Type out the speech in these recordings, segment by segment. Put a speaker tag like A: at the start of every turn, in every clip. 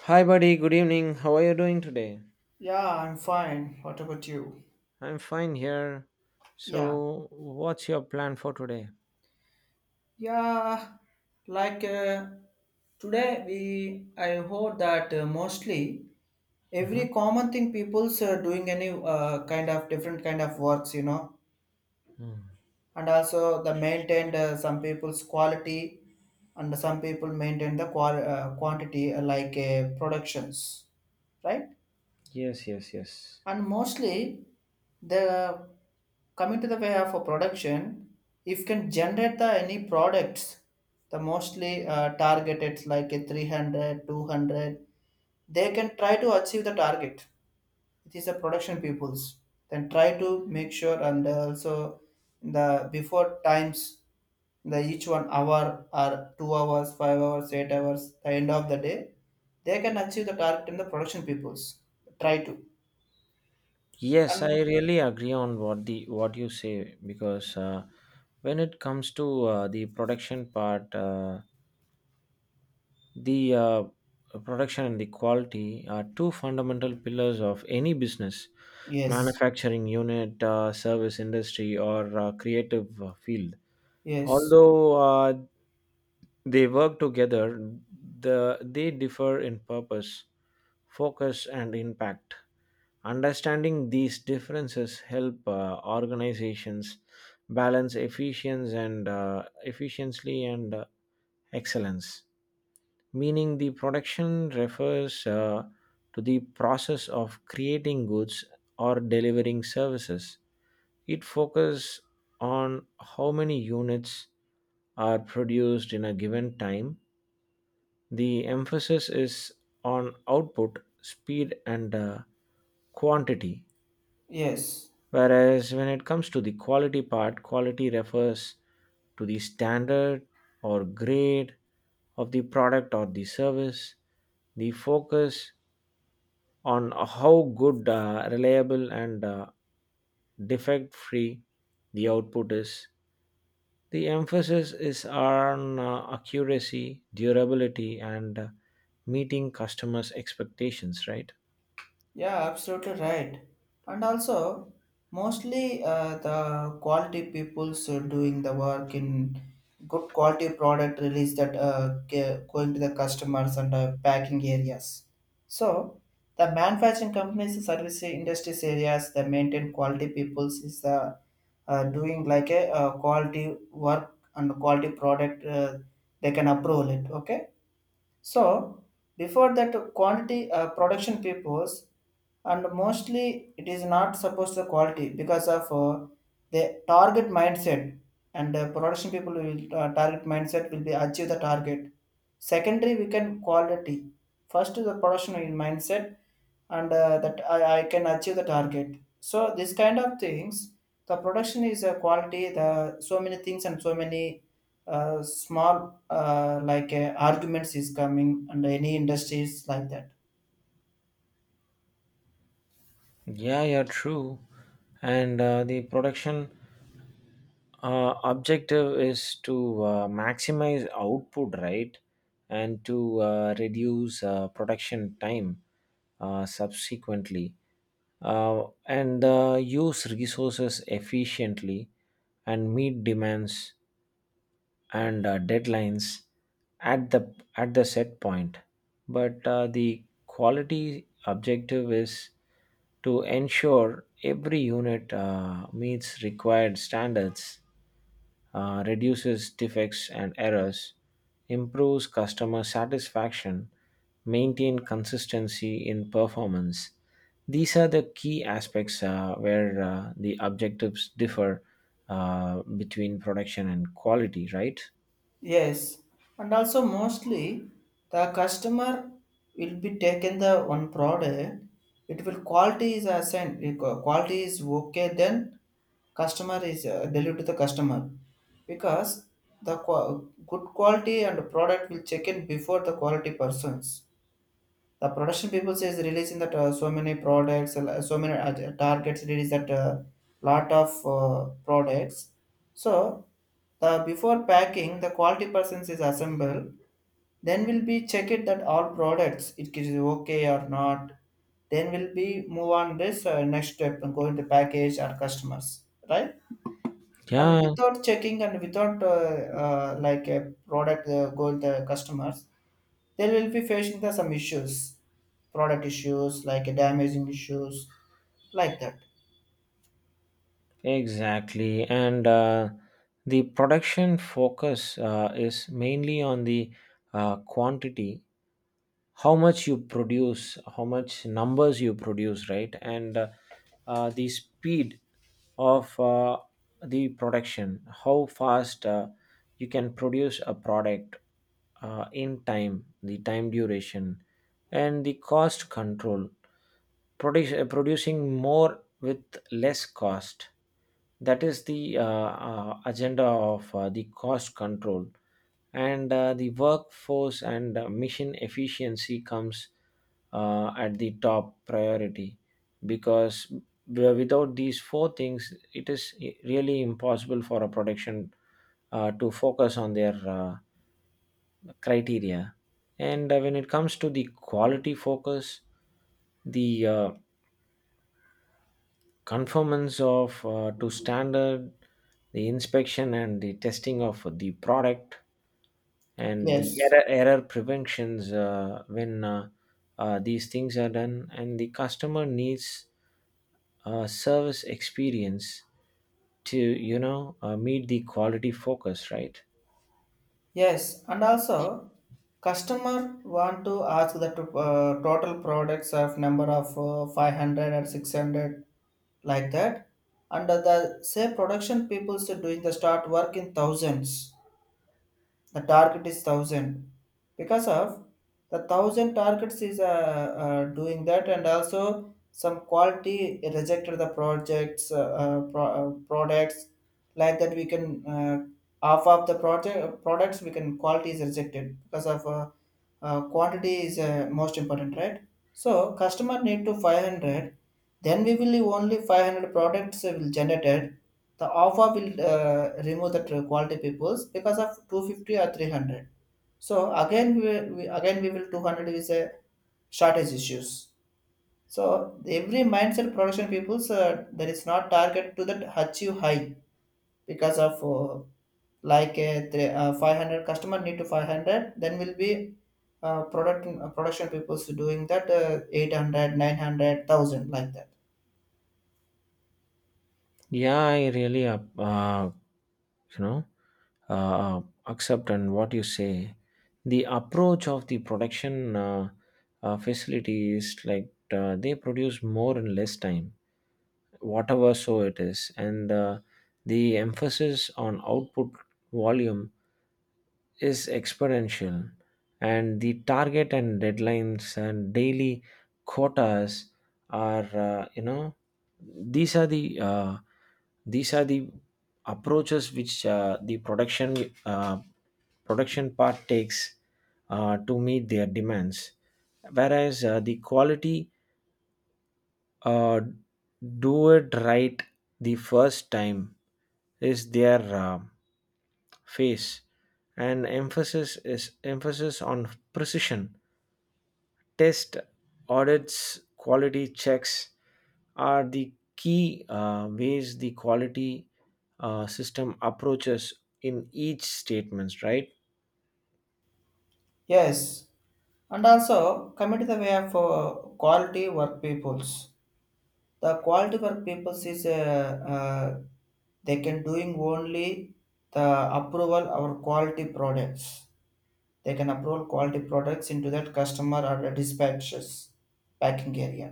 A: Hi, buddy. Good evening. How are you doing today?
B: Yeah, I'm fine. What about you?
A: I'm fine here.
B: Yeah.
A: So, what's your plan for today?
B: Yeah, like uh, today we I heard that mostly
A: Hmm.
B: every common thing people's doing any kind of different kind of works, you know, and also the maintained some people's quality and some people maintain the quantity like productions, right?
A: Yes, yes, yes.
B: And mostly the coming to the way of a production if can generate the any products the mostly targeted like a 300, 200, they can try to achieve the target. It is a production peoples, then try to make sure. And also the before times, the each 1 hour or 2 hours, 5 hours, 8 hours, the end of the day they can achieve the target in the production peoples try to
A: Yes, I
B: and
A: really agree on what you say because when it comes to the production part, the production and the quality are two fundamental pillars of any business,
B: yes,
A: manufacturing unit, service industry, or creative field.
B: yes,
A: Although they work together, they differ in purpose, focus, and impact. Understanding these differences help organizations balance efficiency and excellence. Meaning, the production refers to the process of creating goods or delivering services. It focuses on how many units are produced in a given time. The emphasis is on output, speed, and quantity.
B: yes.
A: Whereas when it comes to the quality part, quality refers to the standard or grade of the product or the service. The focus on how good, reliable, and defect free the output is. The emphasis is on accuracy, durability, and meeting customers' expectations, right?
B: Yeah, absolutely right. And also, mostly the quality people's doing the work in good quality product release that going to the customers and packing areas. So, the manufacturing companies, service industries areas, the maintain quality people's is doing like a quality work and quality product. They can approve it. Okay. So before that quantity production papers, and mostly it is not supposed to quality because of the target mindset. And production people will target mindset will be achieve the target. Secondary we can quality. First is the production in mindset and that I can achieve the target. So this kind of things, the production is a quality, the so many things and so many small arguments is coming and any industries like that.
A: Yeah, yeah, true. And the production objective is to maximize output, right? And to reduce production time subsequently. And use resources efficiently and meet demands and deadlines at the set point, but the quality objective is to ensure every unit meets required standards, reduces defects and errors, improves customer satisfaction, maintain consistency in performance. These are the key aspects where the objectives differ between production and quality, right?
B: Yes, and also mostly the customer will be taken the one product. It will quality is assigned. If, quality is okay, then customer is delivered to the customer, because the qua good quality and product will check in before the quality persons. The production people says releasing that so many products, so many targets release that lot of products. So the before packing, the quality persons is assembled, then will be check it that all products it is okay or not, then will be move on this next step and go into package our customers, right? And
A: Yeah,
B: without checking and without like a product go to the customers, they will be facing the some issues, product issues like damaging issues like that.
A: exactly. And the production focus is mainly on the quantity, how much you produce, how much numbers you produce, right? And the speed of the production, how fast you can produce a product in time, the time duration, and the cost control, producing more with less cost. That is the agenda of the cost control. And the workforce and mission efficiency comes at the top priority, because without these four things it is really impossible for a production to focus on their criteria. And when it comes to the quality focus, the conformance of to standard, the inspection and the testing of the product, and the
B: Yes,
A: error preventions, when these things are done, and the customer needs a service experience to, you know, meet the quality focus, right?
B: yes, and also customer want to ask the total products of number of 500 or 600 like that. And the say production people's doing the start work in thousands. The target is 1000 because of the 1000 targets is doing that. And also some quality rejected the projects products, like that we can uh, half of the project products we can quality is rejected because of quantity is most important, right? So customer need to 500, then we will only 500 products will generated. The offer will remove the quality peoples because of 250 or 300. So again we, will- we again we will 200 is a shortage issues. So every mindset production peoples that is not target to that achieve high, because of like a three, 500 customer need to 500, then will be production peoples doing that 800, like that.
A: Yeah, I really you know, uh, accept and what you say. The approach of the production facilities, like they produce more in less time, whatever so it is. And the emphasis on output volume is exponential, and the target and deadlines and daily quotas are, you know, these are the uh, these are the approaches which the uh, production part takes to meet their demands. Whereas the quality, uh, do it right the first time is their face, and emphasis on precision. Test, audits, quality checks are the key ways the quality system approaches in each statements, right?
B: Yes, and also coming to the way of quality work peoples. The quality work peoples is uh, they can doing only the approval or quality products. They can approve quality products into that customer or the dispatches packing area.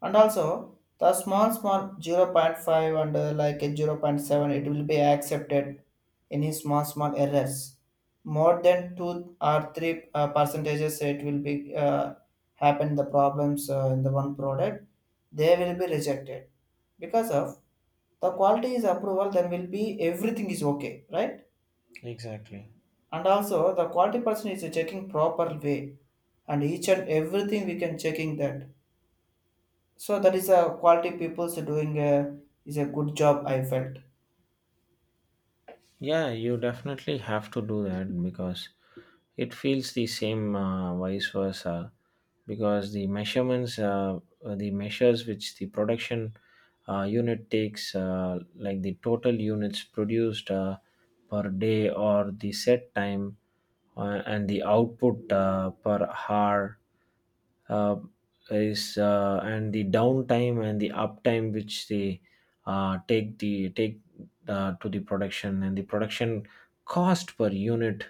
B: And also the small small 0. 0.5 and like a 0. 0.7, it will be accepted any small small errors. More than 2 or 3 percentages, it will be uh, happen the problems in the one product, they will be rejected, because of the quality is approval, then will be everything is okay, right?
A: Exactly.
B: And also the quality person is checking proper way, and each and everything we can checking that. So that is a quality people's doing a, is a good job, I felt.
A: Yeah, you definitely have to do that because it feels the same vice versa, because the measurements, the measures which the production unit takes, like the total units produced per day or the set time, and the output per hour, uh, is and the downtime and the uptime which they take to the production, and the production cost per unit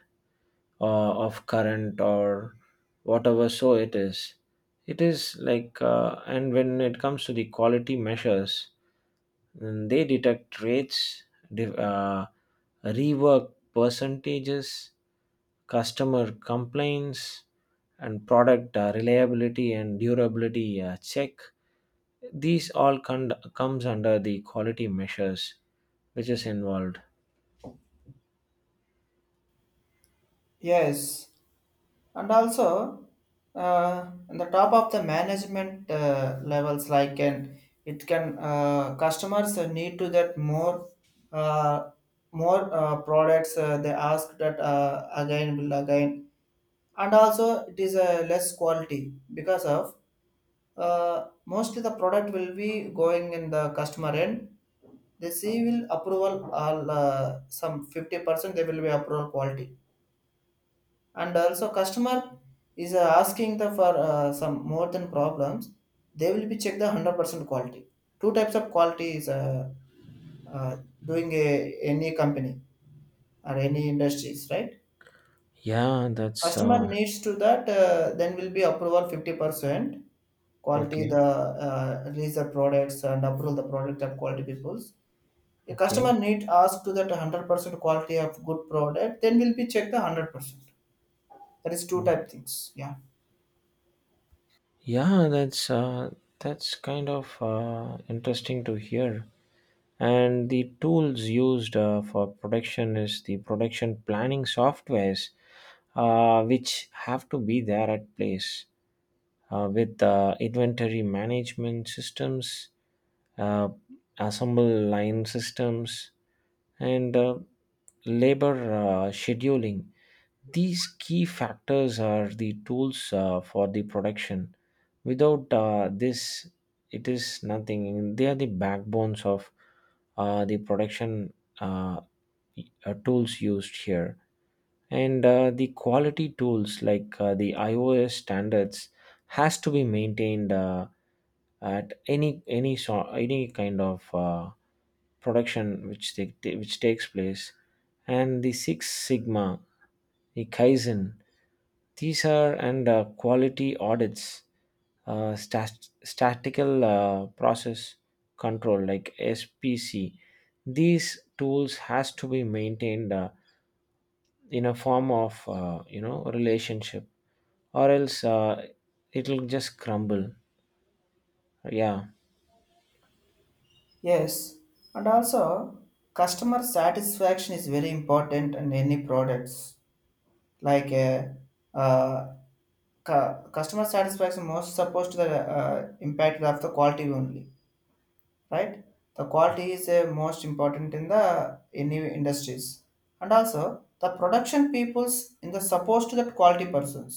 A: of current or whatever so it is. It is like, and when it comes to the quality measures, they detect rates, div- uh, rework percentages, customer complaints, and product reliability and durability check. These all comes under the quality measures which is involved.
B: Yes, and also on the top of the management levels, like and it can customers need to that more uh, more products they ask that again. And also it is a less quality, because of mostly the product will be going in the customer end. They see will approval all some 50% they will be approval quality. And also customer is asking the for some more than problems, they will be check the 100% quality. Two types of quality is uh, doing a, any company or any industries, right?
A: Yeah, that's
B: Customer needs to that then will be approval 50% quality
A: okay.
B: the release the products and approve the product of quality peoples. The
A: Okay.
B: customer need ask to that 100% quality of good product, then will be check the 100%. That is two type things. Yeah.
A: Yeah, that's kind of interesting to hear. And the tools used for production is the production planning softwares, which have to be there at place, with inventory management systems, uh, assemble line systems, and labor scheduling. These key factors are the tools for the production. Without this, it is nothing. They are the backbones of the production uh, tools used here. And the quality tools, like the iOS standards, has to be maintained at any so, any kind of production which which takes place. And the six sigma, the kaizen, these are, and quality audits, statistical process control, like spc. These tools has to be maintained in a form of, you know, relationship, or else it'll just crumble. Yeah.
B: Yes, and also customer satisfaction is very important in any products, like uh, customer satisfaction most supposed to the uh, impact of the quality only, right? The quality is most important in the any industries. And also the production peoples in the supposed to that quality persons,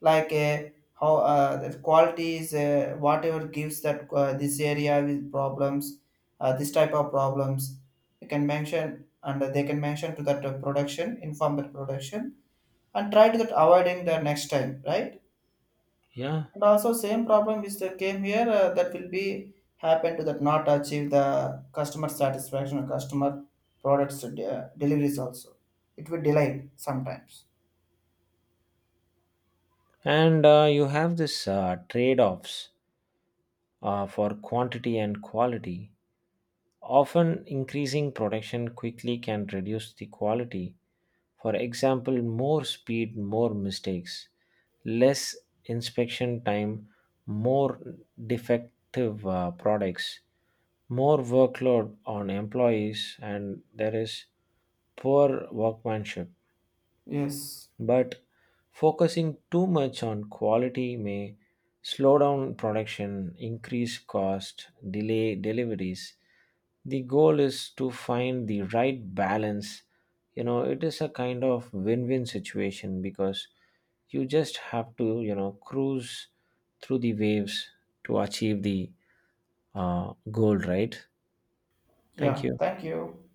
B: like how the quality is whatever gives that this area with problems, this type of problems, you can mention. And they can mention to that production, inform that production and try to that avoiding the next time, right?
A: Yeah.
B: And also same problem is that came here that will be happen to that not achieve the customer satisfaction or customer products deliveries also, it will delay sometimes.
A: And you have this trade-offs for quantity and quality. Often increasing production quickly can reduce the quality. For example, more speed, more mistakes, less inspection time, more defective products, more workload on employees, and there is poor workmanship.
B: Yes.
A: But focusing too much on quality may slow down production, increase cost, delay deliveries. The goal is to find the right balance. You know, it is a kind of win-win situation because you just have to, you know, cruise through the waves to achieve the goal, right? Thank
B: Yeah,
A: you.
B: thank you.